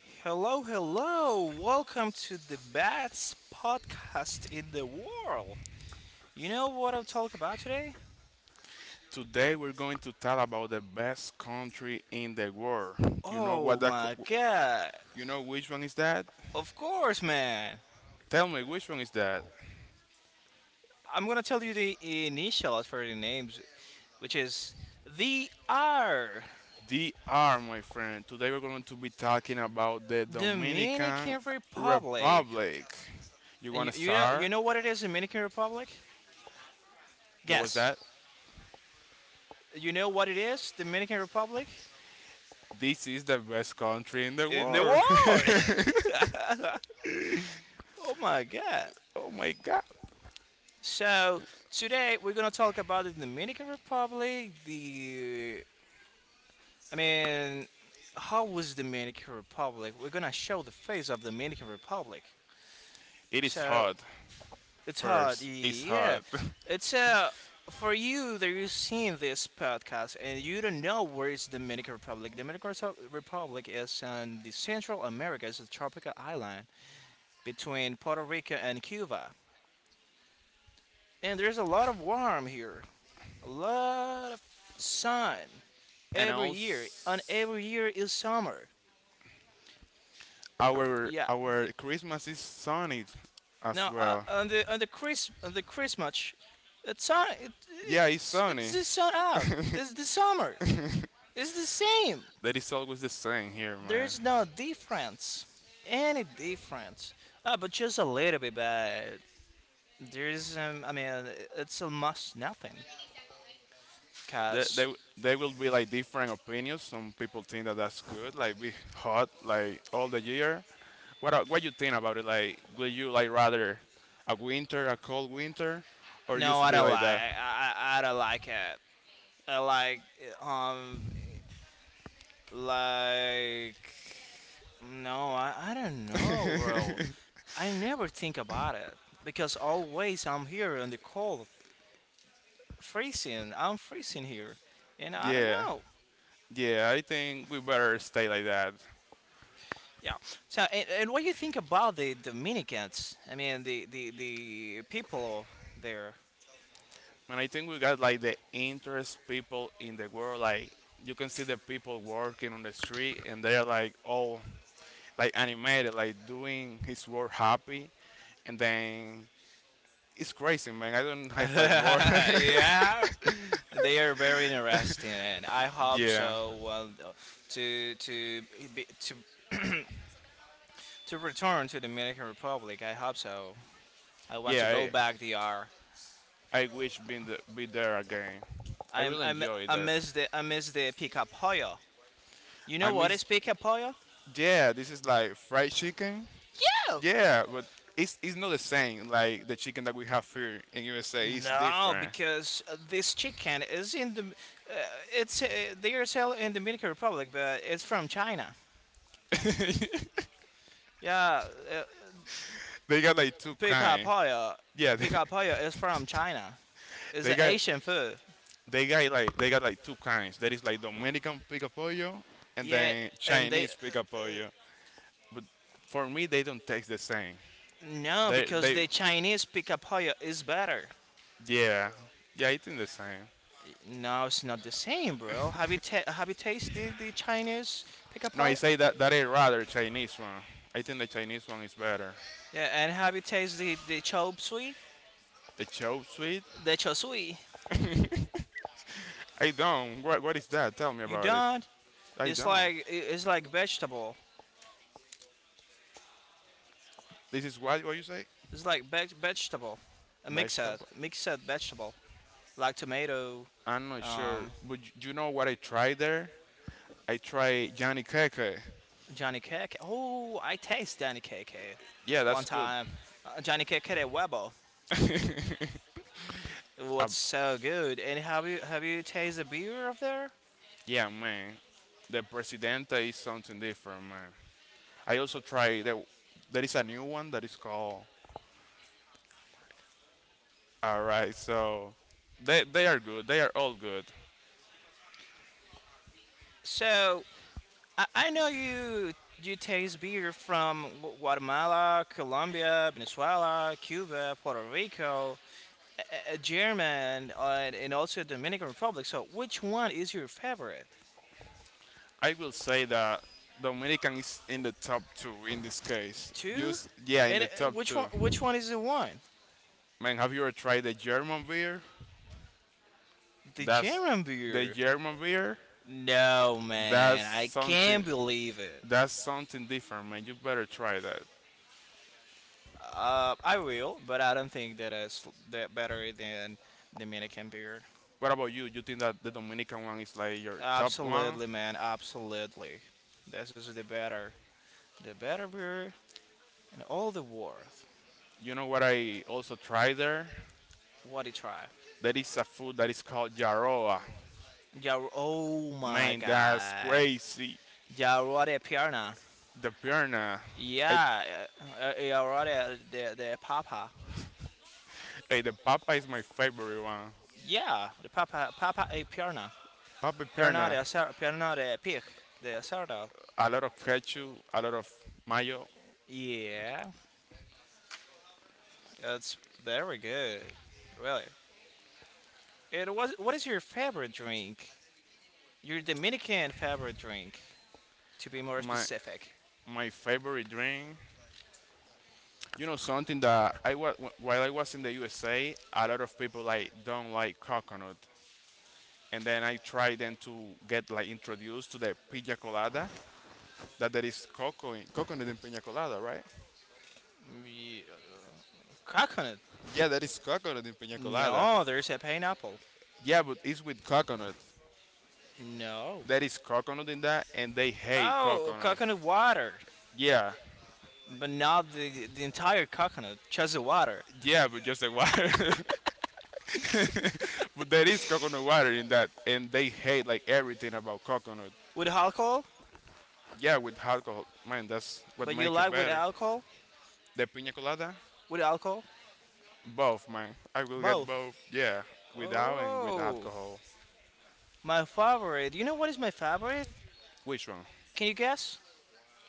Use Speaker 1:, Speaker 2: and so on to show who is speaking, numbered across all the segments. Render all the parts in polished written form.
Speaker 1: Hello, hello! Welcome to the best podcast in the world. You know what I'll talk about today?
Speaker 2: Today we're going to tell about the best country in the world. You know what
Speaker 1: Oh
Speaker 2: that
Speaker 1: my
Speaker 2: co-
Speaker 1: god!
Speaker 2: you know which one is that?
Speaker 1: Of course, man!
Speaker 2: Tell me which one is that?
Speaker 1: I'm gonna tell you the initials for the names, which is the R,
Speaker 2: DR, my friend. Today we're going to be talking about the Dominican
Speaker 1: Dominican Republic.
Speaker 2: Republic. You
Speaker 1: And
Speaker 2: want
Speaker 1: you,
Speaker 2: to
Speaker 1: you know, you
Speaker 2: start?
Speaker 1: know what it is, Dominican Republic?
Speaker 2: What was
Speaker 1: Guess.
Speaker 2: that?
Speaker 1: You know what it is, Dominican Republic?
Speaker 2: This is the best country in the
Speaker 1: In the
Speaker 2: world.
Speaker 1: war! Oh my god!
Speaker 2: Oh my god.
Speaker 1: So today we're gonna talk about the Dominican Republic. The I mean, how was Dominican Republic? We're gonna show the face of Dominican Republic.
Speaker 2: It is
Speaker 1: So
Speaker 2: hot.
Speaker 1: it's hard.
Speaker 2: First, it's
Speaker 1: Yeah,
Speaker 2: hot.
Speaker 1: it's for you that you've seen this podcast and you don't know where is Dominican Republic. Republic is in the Central America. It's a tropical island between Puerto Rico and Cuba. And there's a lot of warm here. A lot of sun.
Speaker 2: And
Speaker 1: Every year, and
Speaker 2: also
Speaker 1: every year is summer.
Speaker 2: our
Speaker 1: Yeah.
Speaker 2: our Christmas is sunny as
Speaker 1: Now
Speaker 2: well.
Speaker 1: on the Chris on the Christmas, it's sun it,
Speaker 2: Yeah, it's
Speaker 1: it's
Speaker 2: Sony.
Speaker 1: the sun out. It's the summer. It's the same.
Speaker 2: That is always the same here, man.
Speaker 1: There's no difference, any difference. Ah, but just a little bit. But there's I mean, it's almost nothing. Cause
Speaker 2: They will be like different opinions. Some people think that that's good, like be hot like all the year. What you think about it? Like, will you like rather a winter, a cold winter, or
Speaker 1: no,
Speaker 2: just
Speaker 1: I
Speaker 2: be
Speaker 1: don't
Speaker 2: like
Speaker 1: like
Speaker 2: that?
Speaker 1: I I don't like it. I like um like No, I don't know, bro. I never think about it because always I'm here in the cold, freezing. I'm freezing here, and I don't
Speaker 2: Yeah,
Speaker 1: know.
Speaker 2: yeah, I think we better stay like that.
Speaker 1: Yeah. So, and what do you think about the Dominicans? I mean, the the people there.
Speaker 2: And I think we got like the interest people in the world. Like you can see the people working on the street, and they're like all like animated, like doing his work happy, and then it's crazy, man. I don't have like work.
Speaker 1: Yeah, they are very interesting, and I hope
Speaker 2: Yeah,
Speaker 1: so. Well, to be, to to return to Dominican Republic, I hope so. I want to go
Speaker 2: yeah.
Speaker 1: back there.
Speaker 2: I wish be there again. I
Speaker 1: I am
Speaker 2: really
Speaker 1: I am
Speaker 2: enjoy it there.
Speaker 1: I miss the pica pollo. You
Speaker 2: I
Speaker 1: know what is
Speaker 2: miss.
Speaker 1: pica pollo?
Speaker 2: Yeah, this is like fried chicken.
Speaker 1: Yeah.
Speaker 2: Yeah, but it's not the same. Like the chicken that we have here in USA is
Speaker 1: No,
Speaker 2: different.
Speaker 1: because this chicken is in the it's they are selling in the Dominican Republic, but it's from China. Yeah, uh,
Speaker 2: They got like two
Speaker 1: pica
Speaker 2: kind.
Speaker 1: pollo,
Speaker 2: Yeah, they,
Speaker 1: pica pollo is from China. It's
Speaker 2: they
Speaker 1: an
Speaker 2: got
Speaker 1: Asian food.
Speaker 2: they got like two kinds. That is like Dominican pica and
Speaker 1: Yeah,
Speaker 2: then
Speaker 1: and they
Speaker 2: Chinese pica. But for me, they don't taste the same.
Speaker 1: no because
Speaker 2: They
Speaker 1: the Chinese pica pollo is better.
Speaker 2: Yeah, yeah, I think the same.
Speaker 1: No, it's not the same, bro. Have you tasted the Chinese pica
Speaker 2: No, I
Speaker 1: pollo?
Speaker 2: say that that I rather Chinese one. I think the Chinese one is better.
Speaker 1: Yeah, and have you tasted the chop suey?
Speaker 2: The chow sweet.
Speaker 1: The chop suey.
Speaker 2: I don't. What is that? Tell me
Speaker 1: You
Speaker 2: about it.
Speaker 1: don't.
Speaker 2: I don't.
Speaker 1: It's like vegetable.
Speaker 2: This is what you say?
Speaker 1: It's like vegetable. A
Speaker 2: Vegetable.
Speaker 1: mixed vegetable like tomato.
Speaker 2: I'm not sure,
Speaker 1: Um,
Speaker 2: but you know what I tried there? I tried Johnny Keke.
Speaker 1: Johnny cake. Oh, I taste Johnny cake here
Speaker 2: Yeah,
Speaker 1: one
Speaker 2: that's good.
Speaker 1: time. Johnny cake at Webo. It
Speaker 2: A
Speaker 1: was so good. And have you tasted the beer up there?
Speaker 2: yeah, man. The Presidente is something different, man. I also tried the, there is a new one that is called. All right, so they are good. They are all good.
Speaker 1: So I know you taste beer from Guatemala, Colombia, Venezuela, Cuba, Puerto Rico, uh, German, and also Dominican Republic. So which one is your favorite?
Speaker 2: I will say that Dominican is in the top 2 in this case.
Speaker 1: Two?
Speaker 2: Just yeah, in
Speaker 1: And
Speaker 2: the top
Speaker 1: which
Speaker 2: 2.
Speaker 1: one? Which one is the one?
Speaker 2: Man, have you ever tried the German beer?
Speaker 1: The
Speaker 2: That's
Speaker 1: German
Speaker 2: the
Speaker 1: beer?
Speaker 2: German beer.
Speaker 1: No,
Speaker 2: That's
Speaker 1: man, I
Speaker 2: something
Speaker 1: can't believe it.
Speaker 2: that's something different, man. You better try that.
Speaker 1: I will, but I don't think that it's that better than Dominican beer.
Speaker 2: What about you? You think that the Dominican one is like your top one?
Speaker 1: Absolutely, man. Absolutely. This is the better, the better beer, and all the worth.
Speaker 2: You know what I also tried there?
Speaker 1: What a try.
Speaker 2: There is a food that is called Yaroa.
Speaker 1: Yeah, oh my
Speaker 2: Man, that's
Speaker 1: god.
Speaker 2: crazy.
Speaker 1: Yeah, already a piranha.
Speaker 2: The pierna. I,
Speaker 1: Yeah, already the papa.
Speaker 2: hey, the papa is my favorite one.
Speaker 1: Yeah, the papa, papa a piranha.
Speaker 2: Papa pierna.
Speaker 1: Piranha the pig, the sardo.
Speaker 2: A lot of ketchup, a lot of mayo.
Speaker 1: Yeah, it's very good. Really. It was, what is your favorite drink? Your Dominican favorite drink, to be more
Speaker 2: My
Speaker 1: specific.
Speaker 2: my favorite drink. You know something that I was while I was in the USA, a lot of people like don't like coconut. And then I tried then to get like introduced to the pina colada. That there is coco in, coconut in pina colada, right?
Speaker 1: Mm, yeah, coconut.
Speaker 2: Yeah, that is coconut in pina colada.
Speaker 1: No, there's a pineapple.
Speaker 2: Yeah, but it's with coconut.
Speaker 1: No.
Speaker 2: There is coconut in that, and they hate
Speaker 1: Oh,
Speaker 2: coconut.
Speaker 1: coconut water,
Speaker 2: Yeah,
Speaker 1: but not the entire coconut, just the water
Speaker 2: yeah, but just the water. But there is coconut water in that, and they hate like everything about coconut.
Speaker 1: with alcohol.
Speaker 2: Yeah, with alcohol, man, that's what
Speaker 1: But you
Speaker 2: makes it
Speaker 1: like with
Speaker 2: better.
Speaker 1: alcohol?
Speaker 2: The pina colada,
Speaker 1: With alcohol?
Speaker 2: both, man. I will get
Speaker 1: Both.
Speaker 2: both. Yeah, without and with
Speaker 1: Oh,
Speaker 2: alcohol.
Speaker 1: my favorite. You know what is my favorite?
Speaker 2: Which one?
Speaker 1: Can you guess?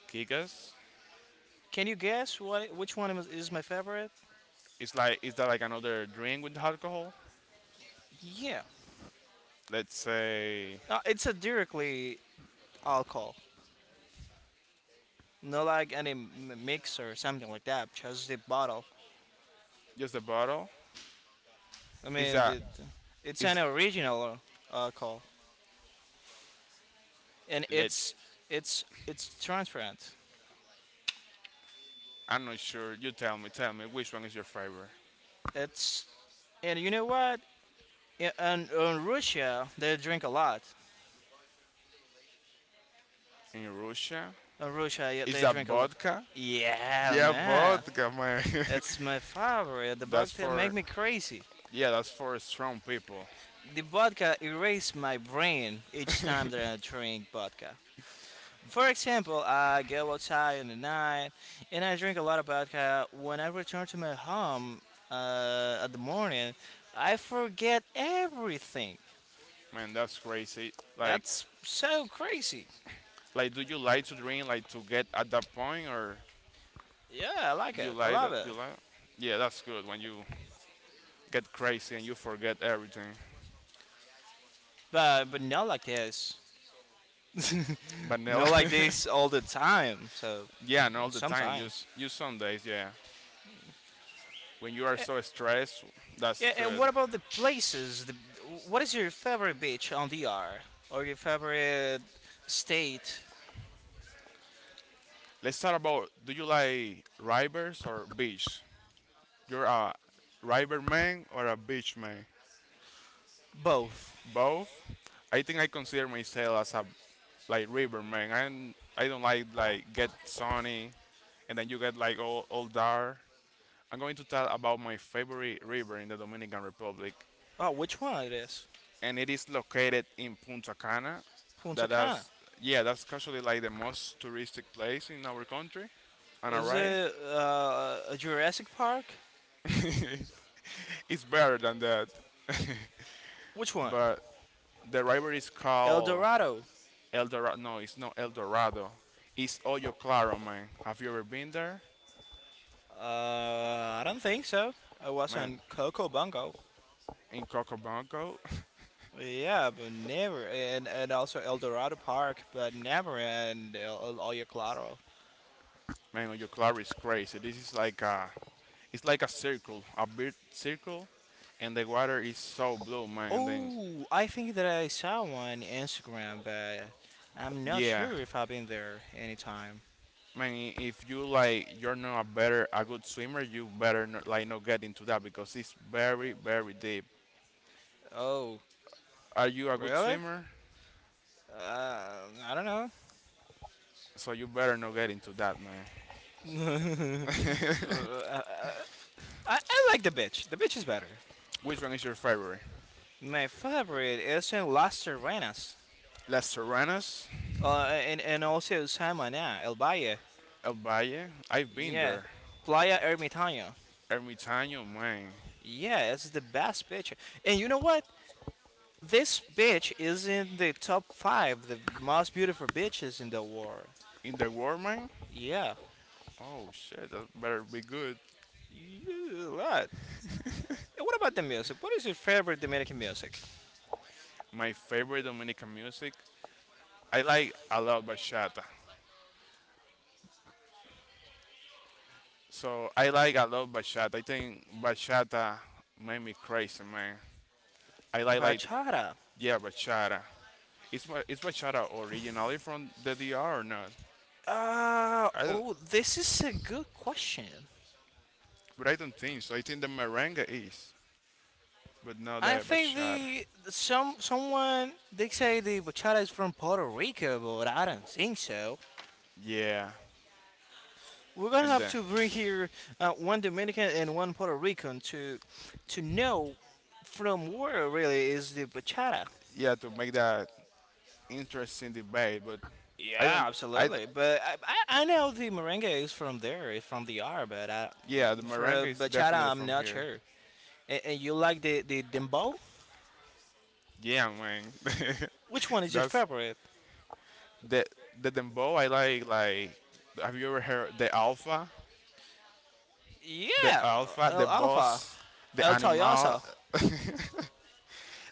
Speaker 2: Kikas.
Speaker 1: Can you guess what is my favorite?
Speaker 2: It's like is that like another drink with alcohol?
Speaker 1: Yeah,
Speaker 2: Let's say
Speaker 1: it's a directly alcohol, not like any mix or something like that. Just the bottle.
Speaker 2: just a bottle.
Speaker 1: I
Speaker 2: Is
Speaker 1: mean,
Speaker 2: that
Speaker 1: it's an
Speaker 2: is
Speaker 1: original alcohol, and
Speaker 2: let?
Speaker 1: it's it's transparent.
Speaker 2: I'm not sure. You tell me. Tell me which one is your favorite
Speaker 1: It's and you know what? Yeah, and on Russia they drink a lot.
Speaker 2: in Russia?
Speaker 1: In Russia, yeah,
Speaker 2: Is
Speaker 1: they
Speaker 2: that
Speaker 1: drink a lot.
Speaker 2: vodka?
Speaker 1: Yeah,
Speaker 2: Yeah,
Speaker 1: man,
Speaker 2: vodka, man.
Speaker 1: it's my favorite. The
Speaker 2: that's
Speaker 1: vodka make
Speaker 2: for
Speaker 1: me crazy.
Speaker 2: Yeah, that's for strong people.
Speaker 1: The vodka erase my brain each time that I drink vodka. For example, I go outside in the night and I drink a lot of vodka. When I return to my home, at the morning, I forget everything.
Speaker 2: Man, that's crazy. Like
Speaker 1: That's so crazy.
Speaker 2: like, do you like to drink like to get at that point, or
Speaker 1: Yeah, I like
Speaker 2: you
Speaker 1: it. I
Speaker 2: like
Speaker 1: love
Speaker 2: that?
Speaker 1: it.
Speaker 2: You like? Yeah, that's good when you get crazy and you forget everything.
Speaker 1: But not like this. Not
Speaker 2: Vanilla.
Speaker 1: like this all the time. So
Speaker 2: Yeah, and all the time. Just
Speaker 1: sometimes.
Speaker 2: you some days. Yeah, when you are
Speaker 1: Eh,
Speaker 2: so stressed, that's
Speaker 1: yeah, and
Speaker 2: good.
Speaker 1: what about the places? The, what is your favorite beach on DR or your favorite state?
Speaker 2: Let's talk about do you like rivers or beach? You're a River man or a beach man?
Speaker 1: Both.
Speaker 2: Both. I think I consider myself as a like river man. I don't like get sunny and then you get like all dark. I'm going to tell about my favorite river in the Dominican Republic,
Speaker 1: Oh, which one it is?
Speaker 2: and it is located in Punta Cana.
Speaker 1: Punta Cana.
Speaker 2: That's Yeah, that's actually like the most touristic place in our country. And
Speaker 1: Is
Speaker 2: alright,
Speaker 1: it a Jurassic Park?
Speaker 2: it's better than that,
Speaker 1: Which one?
Speaker 2: but the river is
Speaker 1: El
Speaker 2: called
Speaker 1: Dorado.
Speaker 2: El Dorado. No, it's not El Dorado. It's Hoyo Claro, man. Have you ever been there?
Speaker 1: I don't think so. I was on
Speaker 2: Man,
Speaker 1: Coco Bongo.
Speaker 2: in Cocobongo,
Speaker 1: Yeah, but never, and also El Dorado Park, but never and El Hoyo Claro.
Speaker 2: man, Hoyo Claro is crazy. This is like a, it's like a circle, a big circle, and the water is so blue, man. And then,
Speaker 1: Oh, I think that I saw one Instagram, but I'm not
Speaker 2: yeah,
Speaker 1: sure if I've been there anytime.
Speaker 2: man, if you like, you're not a good swimmer, you better not, like not get into that because it's very, very deep.
Speaker 1: Oh,
Speaker 2: Are you a good
Speaker 1: really?
Speaker 2: swimmer?
Speaker 1: Uh, I don't know.
Speaker 2: So you better not get into that, man.
Speaker 1: Uh, I like the beach. The beach is better.
Speaker 2: Which one is your favorite?
Speaker 1: My favorite is in Las Terrenas,
Speaker 2: Las Serranas,
Speaker 1: and also San Maná, El Valle.
Speaker 2: El Valle. I've been
Speaker 1: Yeah,
Speaker 2: there.
Speaker 1: Playa Ermitaño.
Speaker 2: Ermitaño, man.
Speaker 1: Yeah, it's the best picture. And you know what? This beach is in the top five, the most beautiful beaches in the world.
Speaker 2: In the War, man.
Speaker 1: Yeah,
Speaker 2: Oh shit, that better be good.
Speaker 1: yeah, a lot. And what about the music? What is your favorite Dominican music?
Speaker 2: My favorite Dominican music. I like a lot bachata. So I like a lot bachata. I think bachata made me crazy, man. I like
Speaker 1: Bachata.
Speaker 2: yeah bachata. Is is bachata originally from the DR or not? I don't,
Speaker 1: Oh, this is a good question.
Speaker 2: but I don't think so. I think the merengue is, but not
Speaker 1: I
Speaker 2: the
Speaker 1: think
Speaker 2: bachata.
Speaker 1: the some someone they say the bachata is from Puerto Rico, but I don't think so.
Speaker 2: Yeah,
Speaker 1: We're gonna
Speaker 2: and
Speaker 1: have
Speaker 2: then
Speaker 1: to bring here one Dominican and one Puerto Rican to know from where really is the bachata.
Speaker 2: yeah to make that interesting debate, but I
Speaker 1: Yeah,
Speaker 2: don't. I
Speaker 1: absolutely. I know the merengue is from there, is from the R, but I,
Speaker 2: yeah, the
Speaker 1: for
Speaker 2: merengue
Speaker 1: a
Speaker 2: is
Speaker 1: bachata,
Speaker 2: definitely
Speaker 1: I'm
Speaker 2: from
Speaker 1: not
Speaker 2: here.
Speaker 1: sure. And you like the dembow?
Speaker 2: Yeah, man.
Speaker 1: Which one is your
Speaker 2: That's
Speaker 1: favorite?
Speaker 2: the the dembow. I like like. Have you ever heard the alpha, the
Speaker 1: Yeah,
Speaker 2: alpha,
Speaker 1: El
Speaker 2: the
Speaker 1: Alfa,
Speaker 2: boss, the
Speaker 1: El
Speaker 2: animal,
Speaker 1: Tayosa.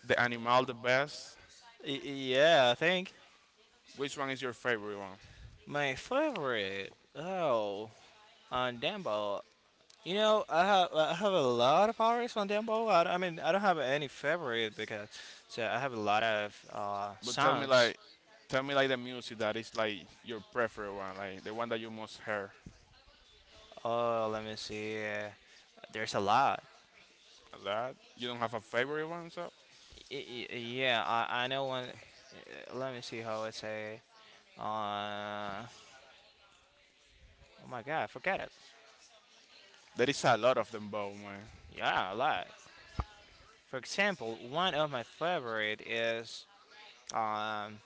Speaker 2: the animal, the best?
Speaker 1: Y- yeah, I think.
Speaker 2: Which one is your favorite one?
Speaker 1: My favorite. Oh, on dembow. You know, I have a lot of hours on Dembo. I mean, I don't have any favorite because so I have a lot of
Speaker 2: But
Speaker 1: songs.
Speaker 2: tell me like the music that is like your preferred one, like the one that you most hear.
Speaker 1: Oh, let me see. There's a lot.
Speaker 2: A lot. You don't have a favorite one, so
Speaker 1: Yeah, I know one. Let me see how I say. Uh, oh my God, forget it.
Speaker 2: there is a lot of dembow, man.
Speaker 1: Yeah, a lot. For example, one of my favorite is um.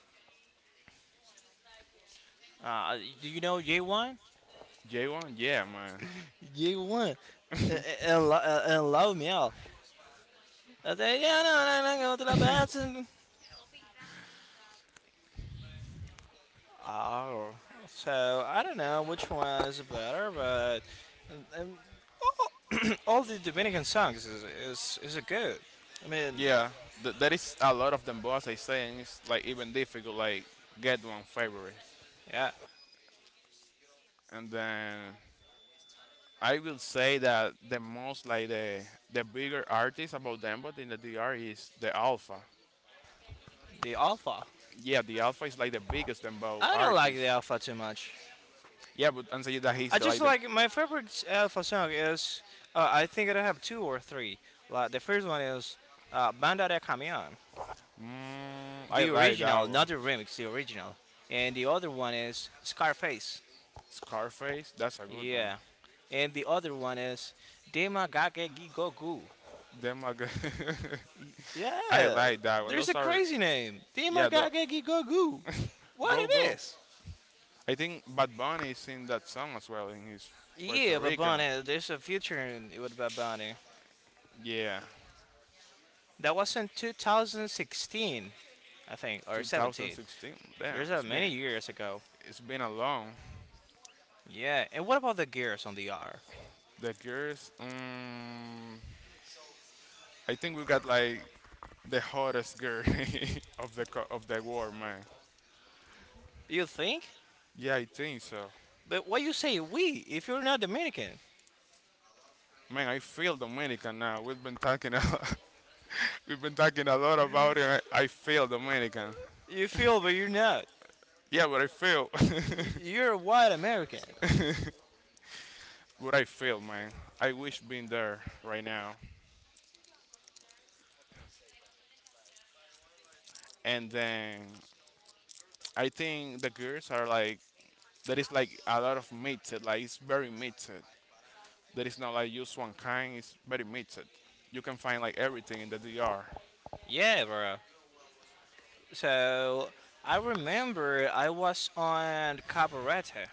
Speaker 1: Uh, do you know J One?
Speaker 2: J1, yeah, man,
Speaker 1: J One, and, and Love Me Out. Uh, yeah, Oh, so I don't know which one is better, but um, um, all, all the Dominican songs is is good. I mean,
Speaker 2: yeah. There is a lot of them, but as I say, and it's like even difficult. Like get one favorite,
Speaker 1: yeah,
Speaker 2: and then I will say that the most like the bigger artist about Dembo in the D.R. is the Alpha.
Speaker 1: the Alpha.
Speaker 2: Yeah, the Alpha is like the biggest Dembo
Speaker 1: I don't like the
Speaker 2: artist.
Speaker 1: Alpha too much.
Speaker 2: Yeah, but and say that he's
Speaker 1: I
Speaker 2: the
Speaker 1: just
Speaker 2: like the.
Speaker 1: like my favorite Alpha song is I think I have two or three. Like the first one is Banda de Camión,
Speaker 2: Mm, I
Speaker 1: the
Speaker 2: like that
Speaker 1: original,
Speaker 2: one.
Speaker 1: not the remix, the original, and the other one is Scarface.
Speaker 2: Scarface, that's a good one.
Speaker 1: Yeah. And the other one is Demagage Gigogu.
Speaker 2: Them Then I
Speaker 1: Yeah,
Speaker 2: like that one.
Speaker 1: there's a
Speaker 2: Those are
Speaker 1: crazy name.
Speaker 2: yeah. The
Speaker 1: Demagage Gigogu. What
Speaker 2: go
Speaker 1: it
Speaker 2: go
Speaker 1: is?
Speaker 2: I think Bad Bunny sing that song as well in his Puerto
Speaker 1: Yeah, Bad
Speaker 2: Rican.
Speaker 1: Bunny. There's a future in, with Bad Bunny.
Speaker 2: Yeah,
Speaker 1: That was in 2016, I think, or 17.
Speaker 2: 2016. Damn,
Speaker 1: There's many years ago.
Speaker 2: it's been a long.
Speaker 1: Yeah, and what about the gears on the R?
Speaker 2: The girls, I think we got like the hottest girl of of the war, man.
Speaker 1: You think?
Speaker 2: Yeah, I think so.
Speaker 1: But why you say we if you're not Dominican?
Speaker 2: Man, I feel Dominican now. We've been talking a lot. We've been talking a lot about it. I feel Dominican.
Speaker 1: You feel, but you're not.
Speaker 2: Yeah, but I feel,
Speaker 1: Y- You're a white American.
Speaker 2: but I feel, man. I wish being there right now. And then I think the girls are like there is like a lot of mixed, like it's very mixed. There is not like just one kind, it's very mixed. You can find like everything in the D.R.
Speaker 1: Yeah, bro. So I remember I was on Cabaretta.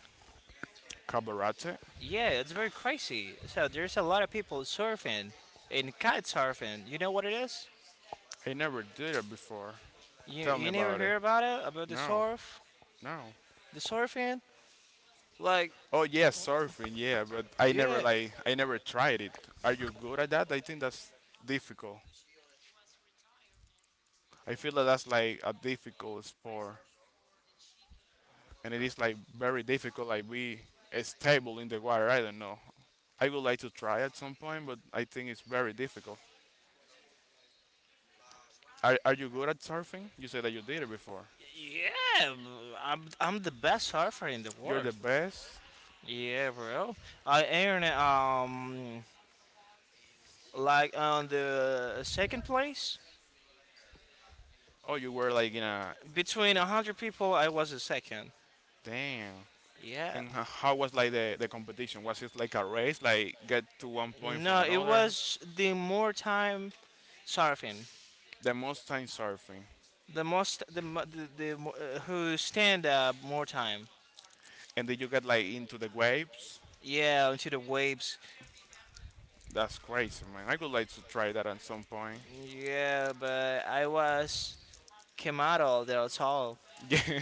Speaker 2: Cabarate?
Speaker 1: Yeah, it's very crazy. So there's a lot of people surfing and kite surfing. You know what it is?
Speaker 2: I never did it before.
Speaker 1: You
Speaker 2: Tell me
Speaker 1: you never
Speaker 2: about it.
Speaker 1: hear about it about the
Speaker 2: No,
Speaker 1: surf,
Speaker 2: no.
Speaker 1: the surfing? Like
Speaker 2: Oh yes, surfing, yeah, but
Speaker 1: yeah,
Speaker 2: I never tried it. Are you good at that? I think that's difficult. I feel that that's like a difficult sport, and it is like very difficult, like be stable in the water. I don't know. I would like to try at some point, but I think it's very difficult. Are you good at surfing? You said that you did it before.
Speaker 1: yeah. I'm the best surfer in the
Speaker 2: You're the
Speaker 1: world.
Speaker 2: best.
Speaker 1: Yeah, bro. I earned like on the second place
Speaker 2: Oh, you were like in a
Speaker 1: between a hundred people. I was the second.
Speaker 2: damn.
Speaker 1: Yeah.
Speaker 2: And how was like the competition? Was it like a race, like get to one point from
Speaker 1: No, it
Speaker 2: another?
Speaker 1: was the more time Sarfin,
Speaker 2: The most time surfing,
Speaker 1: the most the mo- who stand up more time.
Speaker 2: and did you get like into the waves?
Speaker 1: Yeah, into the waves.
Speaker 2: That's crazy, man. I would like to try that at some point.
Speaker 1: Yeah, but I was Kemaro del Sol.
Speaker 2: Yeah,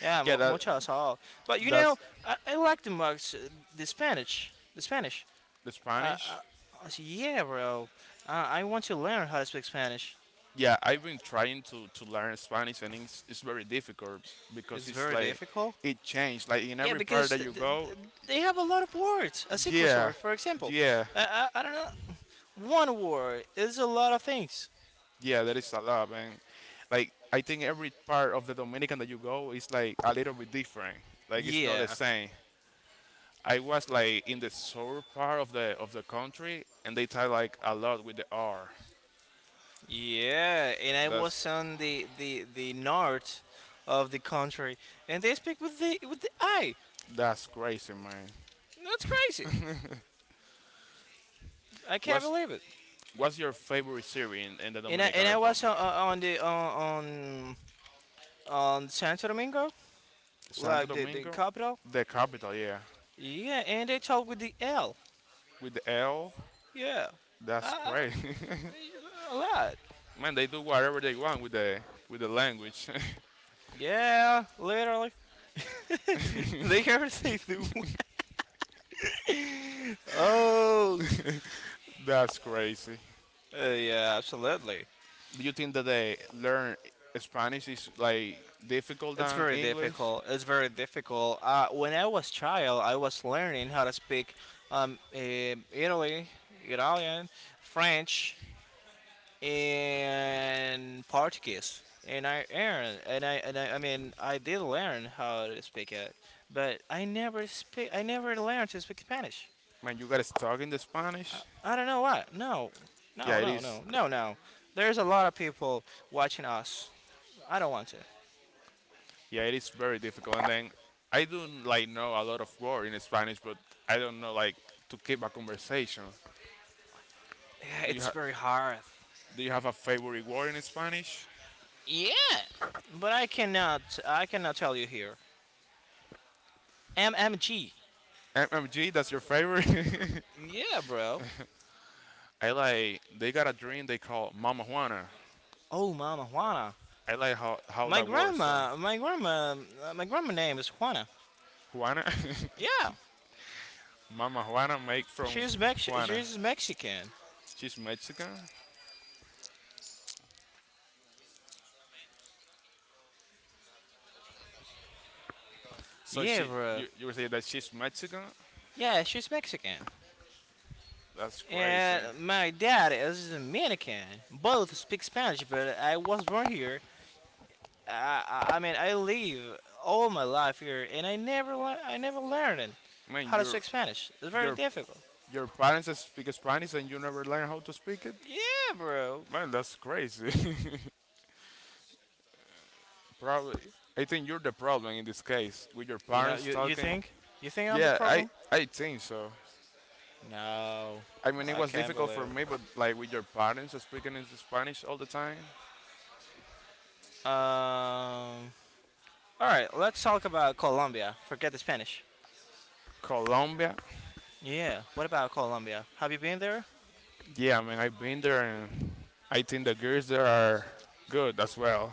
Speaker 1: Yeah,
Speaker 2: yeah.
Speaker 1: Mucho Sol. But you know,
Speaker 2: That's
Speaker 1: I like the mugs, the Spanish.
Speaker 2: the
Speaker 1: Uh,
Speaker 2: Spanish.
Speaker 1: I said, yeah, bro. I want to learn how to speak Spanish.
Speaker 2: Yeah, I've been trying to learn Spanish and it's very difficult because
Speaker 1: It's
Speaker 2: it's
Speaker 1: very
Speaker 2: like
Speaker 1: difficult.
Speaker 2: it changed. Like in
Speaker 1: Yeah,
Speaker 2: every part
Speaker 1: because
Speaker 2: that you go,
Speaker 1: they have a lot of words. A secret
Speaker 2: yeah,
Speaker 1: word, for example.
Speaker 2: yeah,
Speaker 1: I don't know. One word is a lot of things.
Speaker 2: yeah, there is a lot. And like I think every part of the Dominican that you go is like a little bit different. Like it's not the
Speaker 1: Yeah,
Speaker 2: same. I was like in the south part of the country and they tie like a lot with the R.
Speaker 1: yeah, and I
Speaker 2: That's
Speaker 1: was on the the north of the country, and they speak with the I.
Speaker 2: that's crazy, man.
Speaker 1: That's crazy. I can't
Speaker 2: What's
Speaker 1: believe it.
Speaker 2: what's your favorite city in the
Speaker 1: And I
Speaker 2: Dominican
Speaker 1: and I was
Speaker 2: Republic?
Speaker 1: on on Santo Domingo,
Speaker 2: Santo
Speaker 1: like the
Speaker 2: Domingo,
Speaker 1: capital.
Speaker 2: the capital, yeah.
Speaker 1: Yeah, and they talk with the L.
Speaker 2: With the L,
Speaker 1: Yeah, uh,
Speaker 2: that's crazy.
Speaker 1: a lot.
Speaker 2: Man, they do whatever they want with the language.
Speaker 1: Yeah, literally. They everything do. Oh,
Speaker 2: That's crazy.
Speaker 1: uh, yeah, absolutely.
Speaker 2: Do you think that they learn Spanish is like difficult
Speaker 1: It's
Speaker 2: than
Speaker 1: very
Speaker 2: English?
Speaker 1: difficult. It's very difficult. When I was child, I was learning how to speak Italy, Italian, French, and Portuguese. And I earned, I mean, I did learn how to speak it, but I never speak. I never learned to speak Spanish.
Speaker 2: Man, you got stuck in the Spanish.
Speaker 1: I don't know why. No,
Speaker 2: Yeah,
Speaker 1: no,
Speaker 2: it
Speaker 1: no,
Speaker 2: is.
Speaker 1: no, no, no. There's a lot of people watching us. I don't want to.
Speaker 2: Yeah, it is very difficult. And then I do like know a lot of words in Spanish, but I don't know like to keep a conversation. Do you
Speaker 1: It's
Speaker 2: have
Speaker 1: very hard.
Speaker 2: Do you have a favorite word in Spanish?
Speaker 1: Yeah, but I cannot tell you here. MMG.
Speaker 2: MMG, that's your favorite.
Speaker 1: Yeah, bro.
Speaker 2: I like they got a drink they call Mama Juana.
Speaker 1: Oh, mama Juana.
Speaker 2: I like how
Speaker 1: My
Speaker 2: that works. So
Speaker 1: grandma my grandma my grandma name is Juana.
Speaker 2: Juana,
Speaker 1: Yeah,
Speaker 2: Mama Juana make from Juana.
Speaker 1: She's Mexican.
Speaker 2: She's Mexican, so
Speaker 1: Yeah,
Speaker 2: she
Speaker 1: bro.
Speaker 2: you say that she's Mexican.
Speaker 1: Yeah, she's Mexican.
Speaker 2: That's crazy.
Speaker 1: And my dad is Dominican. Both speak Spanish, but I was born here. I, I live all my life here, and I never learned
Speaker 2: Man,
Speaker 1: how to
Speaker 2: your
Speaker 1: speak Spanish. It's very
Speaker 2: your
Speaker 1: difficult.
Speaker 2: your parents speak Spanish and you never learn how to speak it.
Speaker 1: Yeah, bro.
Speaker 2: Man, that's crazy. Probably. I think you're the problem in this case with your
Speaker 1: You know,
Speaker 2: parents
Speaker 1: you
Speaker 2: talking.
Speaker 1: think you think I'm the
Speaker 2: Yeah, I
Speaker 1: problem?
Speaker 2: I think so.
Speaker 1: No,
Speaker 2: I mean, it
Speaker 1: I
Speaker 2: was
Speaker 1: can't
Speaker 2: difficult
Speaker 1: believe
Speaker 2: for
Speaker 1: it.
Speaker 2: me, but like with your parents speaking in Spanish all the time.
Speaker 1: Um. All right, let's talk about Colombia. Forget the Spanish.
Speaker 2: Colombia,
Speaker 1: Yeah. What about Colombia? Have you been there?
Speaker 2: yeah, I mean, I've been there, and I think the girls there are good as well.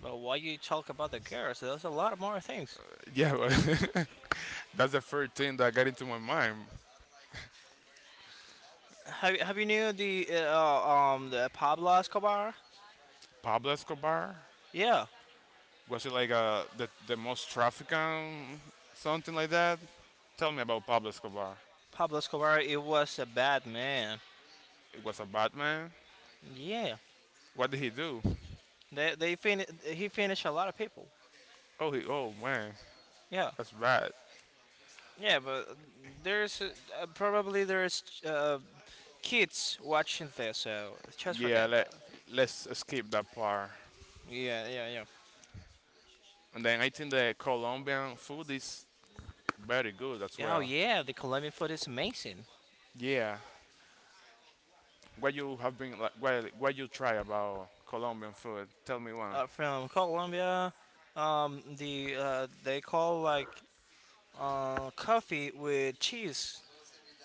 Speaker 1: But why you talk about the girls? There's a lot more things.
Speaker 2: Yeah, but that's the first thing that got into my mind.
Speaker 1: Have you knew the the Pablo Escobar?
Speaker 2: Pablo Escobar,
Speaker 1: Yeah,
Speaker 2: was it like the most trafficking something like that? Tell me about Pablo Escobar.
Speaker 1: Pablo Escobar. It was a bad man.
Speaker 2: It was a bad man.
Speaker 1: Yeah.
Speaker 2: What did he do?
Speaker 1: He finished a lot of people.
Speaker 2: Oh, he, oh man,
Speaker 1: Yeah.
Speaker 2: that's bad.
Speaker 1: Yeah, but there's probably there's kids watching this, so just
Speaker 2: Yeah,
Speaker 1: forget that.
Speaker 2: let's skip that part.
Speaker 1: Yeah, yeah,
Speaker 2: And then I think the Colombian food is very good as
Speaker 1: yeah. Oh
Speaker 2: well.
Speaker 1: yeah, the Colombian food is amazing.
Speaker 2: Yeah. What you have been like, what you try about Colombian food? Tell me one.
Speaker 1: From Colombia, they call like coffee with cheese.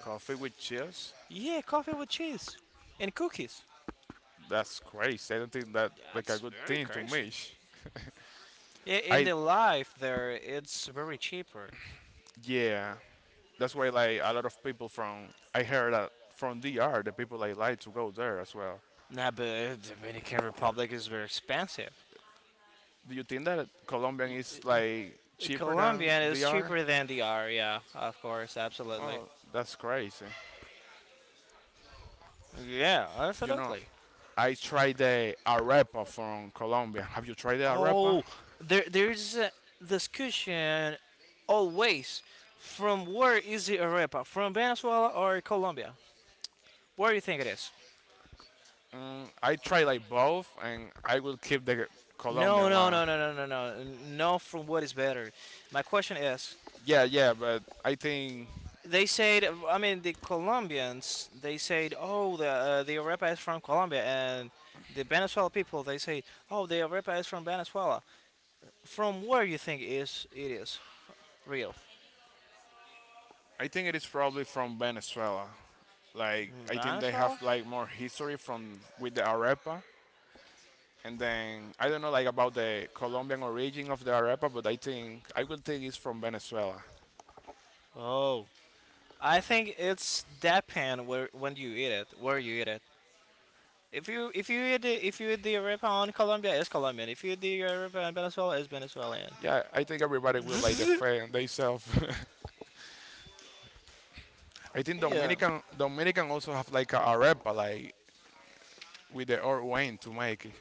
Speaker 2: Coffee with cheese?
Speaker 1: Yeah, coffee with cheese and cookies.
Speaker 2: That's crazy. I don't think that like a
Speaker 1: That's
Speaker 2: good
Speaker 1: very
Speaker 2: thing to
Speaker 1: crazy.
Speaker 2: me.
Speaker 1: Yeah, in
Speaker 2: I,
Speaker 1: the life there, it's very cheaper.
Speaker 2: yeah. That's why like a lot of people from, I heard that from DR, the people like to go there as well.
Speaker 1: Nah, but Dominican Republic is very expensive.
Speaker 2: Do you think that Colombian
Speaker 1: Y-
Speaker 2: is like
Speaker 1: The
Speaker 2: cheaper than
Speaker 1: Colombian is
Speaker 2: DR?
Speaker 1: cheaper than the R. Yeah, of course, absolutely.
Speaker 2: Oh, that's crazy.
Speaker 1: Yeah,
Speaker 2: You know,
Speaker 1: absolutely.
Speaker 2: I tried the arepa from Colombia. Have you tried the arepa?
Speaker 1: Oh, there's a discussion always from where is the arepa? From Venezuela or Colombia? Where do you think it is?
Speaker 2: Mm, I tried like both, and I will keep the
Speaker 1: No,
Speaker 2: Colombian
Speaker 1: no,
Speaker 2: one.
Speaker 1: no, no, no, no, no. No, from what is better. My question is,
Speaker 2: Yeah, yeah, but
Speaker 1: they said, I mean, the Colombians, they said, oh, the arepa is from Colombia, and the Venezuela people, they say, oh, the arepa is from Venezuela. From where you think is it is real?
Speaker 2: I think it is probably from Venezuela. Like I think they have
Speaker 1: Nassau?
Speaker 2: like more history from with the arepa, and then I don't know like about the Colombian origin of the arepa, but I think I will think it's from Venezuela.
Speaker 1: Oh, I think it's depend where when you eat it, where you eat it. If you eat the if you eat the arepa on Colombia, it's Colombian. If you eat the arepa in Venezuela, it's Venezuelan.
Speaker 2: Yeah, I think everybody will like
Speaker 1: Yeah,
Speaker 2: defend themselves. I think Dominican also have like a arepa, like with the old wine to make it.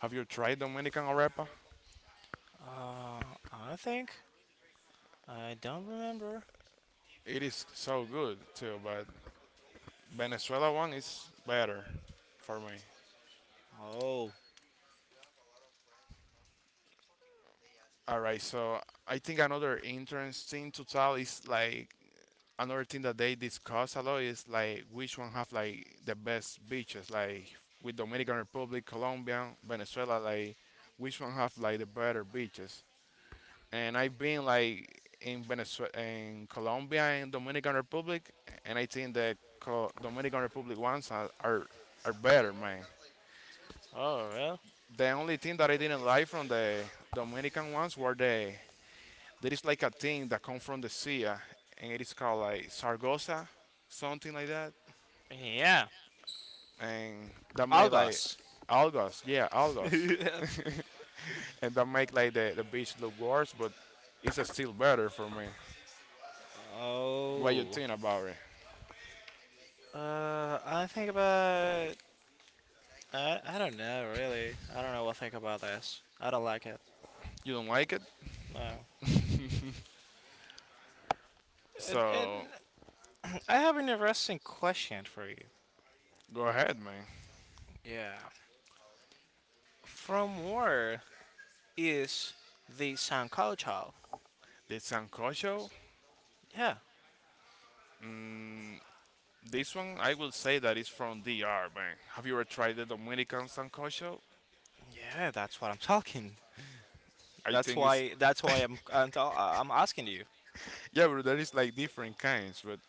Speaker 2: Have you tried Dominican arepa?
Speaker 1: I think I don't remember.
Speaker 2: It is so good too, but Venezuela one is better for me.
Speaker 1: Oh,
Speaker 2: All right, so I think another interesting to tell is like another thing that they discuss a lot is like which one have like the best beaches, like with Dominican Republic, Colombia, Venezuela, like which one have like the better beaches. And I've been like in Venezuela, in Colombia, and Dominican Republic, and I think the Co- Dominican Republic ones are, are better, man.
Speaker 1: oh well,
Speaker 2: The only thing that I didn't like from the Dominican ones were there is like a thing that comes from the sea, and it is called like sargosa, something like that,
Speaker 1: yeah,
Speaker 2: and that made like
Speaker 1: algas.
Speaker 2: algas, yeah, algas, and that make like the beach look worse, but it's still better for me. What you
Speaker 1: Oh,
Speaker 2: think about it?
Speaker 1: I think about I don't know really. I don't know what to think about this. I don't like it.
Speaker 2: You don't like it?
Speaker 1: No. And,
Speaker 2: So
Speaker 1: I have an interesting question for you.
Speaker 2: go ahead, man.
Speaker 1: Yeah. From where is the San culture?
Speaker 2: The sancocho.
Speaker 1: Yeah.
Speaker 2: This one I will say that it's from DR, man. Have you ever tried the Dominican sancocho?
Speaker 1: Yeah, that's what I'm talking.
Speaker 2: I
Speaker 1: That's
Speaker 2: think it's
Speaker 1: why. I'm asking you.
Speaker 2: yeah, but there is like different kinds, but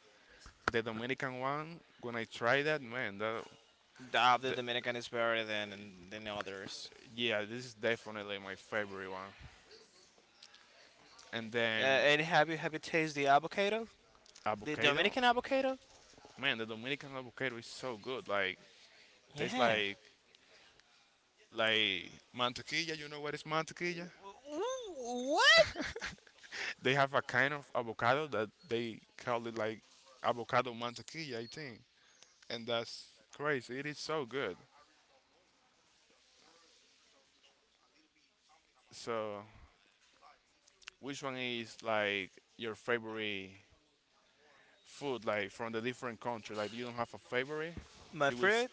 Speaker 2: the Dominican one when I try that, man,
Speaker 1: The
Speaker 2: the,
Speaker 1: Dominican is better than others.
Speaker 2: yeah, this is definitely my favorite one. And then
Speaker 1: And have you tasted the avocado? The
Speaker 2: avocado,
Speaker 1: Dominican avocado?
Speaker 2: man, the Dominican avocado is so good. Like tastes
Speaker 1: Yeah.
Speaker 2: like like mantequilla. You know what is mantequilla?
Speaker 1: What?
Speaker 2: They have a kind of avocado that they call it like avocado mantequilla, I think, and that's crazy. It is so good. So, which one is like your favorite food, like from the different country? Like, you don't have a favorite.
Speaker 1: My
Speaker 2: You will s-
Speaker 1: friend.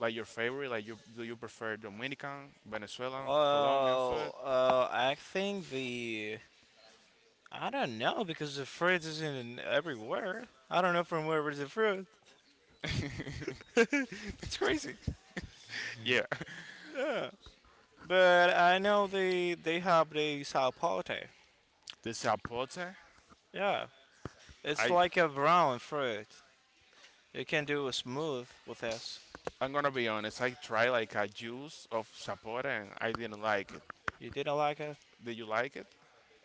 Speaker 2: like your favorite. Like, you, do you prefer Dominican, Venezuelan, Colombian
Speaker 1: Oh,
Speaker 2: food?
Speaker 1: I don't know because the fruit isn't in everywhere. I don't know from where is the fruit. It's crazy.
Speaker 2: Yeah,
Speaker 1: Yeah. But I know they have the sapote.
Speaker 2: the zapote.
Speaker 1: Yeah. It's
Speaker 2: I
Speaker 1: like a brown fruit. You can do a smooth with this.
Speaker 2: I'm gonna be honest. I tried like a juice of zapote and I didn't like it.
Speaker 1: You didn't like it
Speaker 2: Did you like it?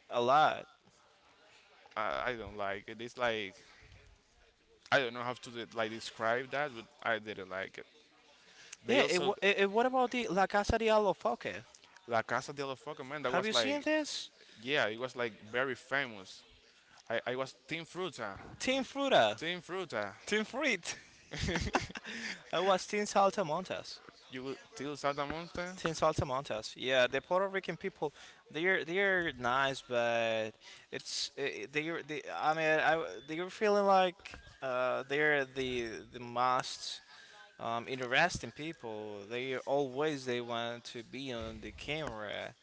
Speaker 1: a lot.
Speaker 2: I don't like it. It's like I don't know how to de- like describe that, but I didn't like it. They
Speaker 1: Yeah. It, wa-
Speaker 2: also
Speaker 1: it, it what about the La Casa de Alofoque?
Speaker 2: La Casa de la Foca, man. That
Speaker 1: Have
Speaker 2: was
Speaker 1: you seen
Speaker 2: like
Speaker 1: this?
Speaker 2: yeah, it was like very famous. I was Team Fruta,
Speaker 1: Team Fruta.
Speaker 2: Team Fruta.
Speaker 1: Team Fruit. I was Team Saltamontes.
Speaker 2: You will till Santa Monta.
Speaker 1: Since Altamontes, yeah, the Puerto Rican people, they're nice, but it's eh, they're they. I mean, I they're feeling like they're the most interesting people. They want to be on the camera,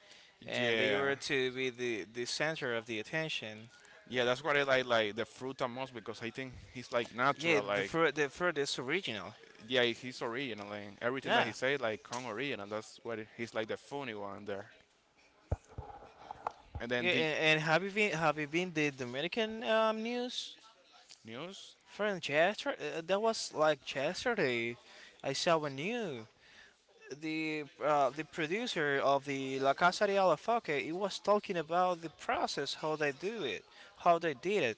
Speaker 1: and they
Speaker 2: Yeah,
Speaker 1: were to be the center of the attention.
Speaker 2: yeah. That's what I like the Fruta most because I think he's like
Speaker 1: Yeah,
Speaker 2: natural. Like
Speaker 1: the for this original.
Speaker 2: yeah, he's original and everything that he
Speaker 1: Yeah,
Speaker 2: say like come original. That's what he's like the funny one there. And then
Speaker 1: yeah,
Speaker 2: the
Speaker 1: and have you been the Dominican news?
Speaker 2: news.
Speaker 1: Friend, Chester, that was like yesterday. I saw a new the producer of the La Casa de Alafoque. He was talking about the process, how they do it, how they did it,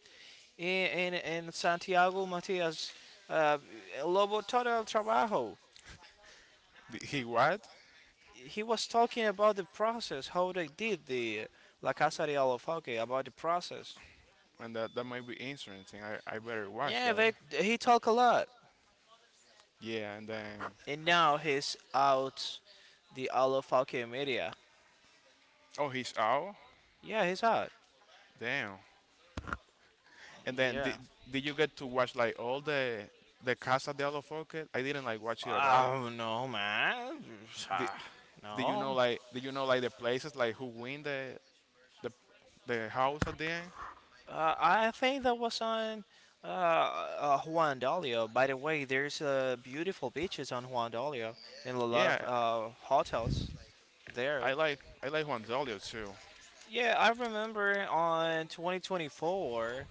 Speaker 1: and Santiago Matias uh, Lobo Todo el Trabajo.
Speaker 2: The, he what?
Speaker 1: He was talking about the process, how they did the La Casa de Alafoque, about the process.
Speaker 2: And that that might be interesting. I better watch
Speaker 1: Yeah,
Speaker 2: that.
Speaker 1: they, he talked a lot,
Speaker 2: Yeah, and then
Speaker 1: and now he's out the Alafoque media.
Speaker 2: oh, he's out.
Speaker 1: Yeah, he's hot.
Speaker 2: Damn. And then
Speaker 1: Yeah.
Speaker 2: did you get to watch like all the Casa de Alofoque? I didn't like watch it at all.
Speaker 1: Oh no, man.
Speaker 2: Did
Speaker 1: Ah,
Speaker 2: did you know
Speaker 1: no.
Speaker 2: like did you know like the places like who win the the house at the end?
Speaker 1: I think that was on Juan Dolio. By the way, there's beautiful beaches on Juan Dolio and a lot of
Speaker 2: Yeah,
Speaker 1: hotels there.
Speaker 2: I like Juan Dolio too.
Speaker 1: Yeah, I remember on 2024,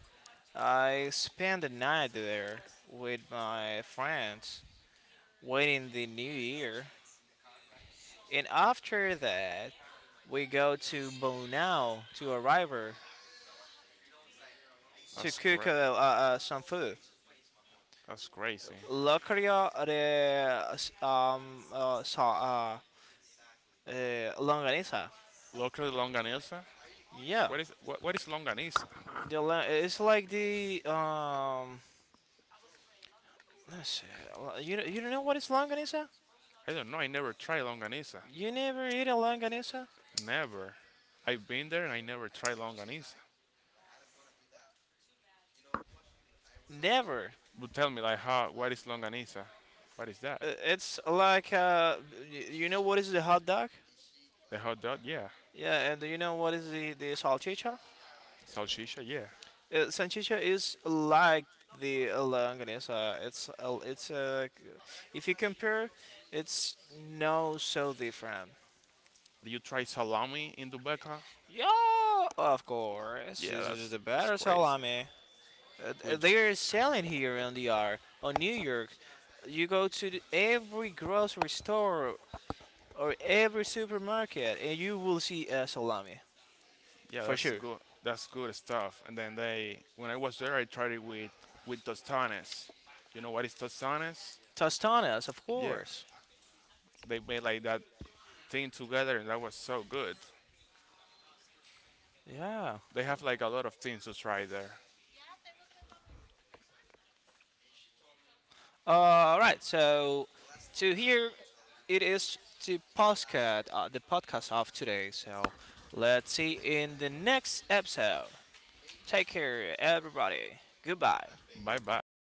Speaker 1: I spent the night there with my friends waiting the new year. And after that, we go to Bonao to a river
Speaker 2: That's
Speaker 1: tycker
Speaker 2: great.
Speaker 1: jag som förr.
Speaker 2: That's crazy.
Speaker 1: Lökarja, det um, uh, sa, longanisa.
Speaker 2: Local longanisa.
Speaker 1: Yeah.
Speaker 2: What is what is longanisa?
Speaker 1: The, it's like the, let's see. You don't know what is longanisa?
Speaker 2: I don't know. I never tried longanisa.
Speaker 1: You never eat a longanisa?
Speaker 2: Never. I've been there and I never tried longaniza.
Speaker 1: Never.
Speaker 2: But tell me, like, how? What is longaniza? What is that?
Speaker 1: It's like, you know what is the hot dog?
Speaker 2: The hot dog? Yeah.
Speaker 1: Yeah, and do you know what is the salchicha?
Speaker 2: Salchicha? Yeah.
Speaker 1: Sanchicha is like the longanisa. If you compare, it's no so different.
Speaker 2: Do you try salami in Dubeca?
Speaker 1: Yeah, of course.
Speaker 2: Yeah,
Speaker 1: This is the
Speaker 2: that's
Speaker 1: better
Speaker 2: crazy.
Speaker 1: salami.
Speaker 2: With
Speaker 1: They are selling here in the R on New York. You go to every grocery store or every supermarket, and you will see a salami
Speaker 2: yeah,
Speaker 1: for
Speaker 2: that's
Speaker 1: sure.
Speaker 2: good. That's good stuff. And then they, when I was there, I tried it with tostones. You know what is tostones?
Speaker 1: Tostones, of
Speaker 2: Yeah,
Speaker 1: course.
Speaker 2: they made like that thing together, and that was so good.
Speaker 1: Yeah.
Speaker 2: They have like a lot of things to try there.
Speaker 1: All right. So to here it is the podcast of today. So let's see in the next episode. Take care, everybody. Goodbye.
Speaker 2: Bye bye.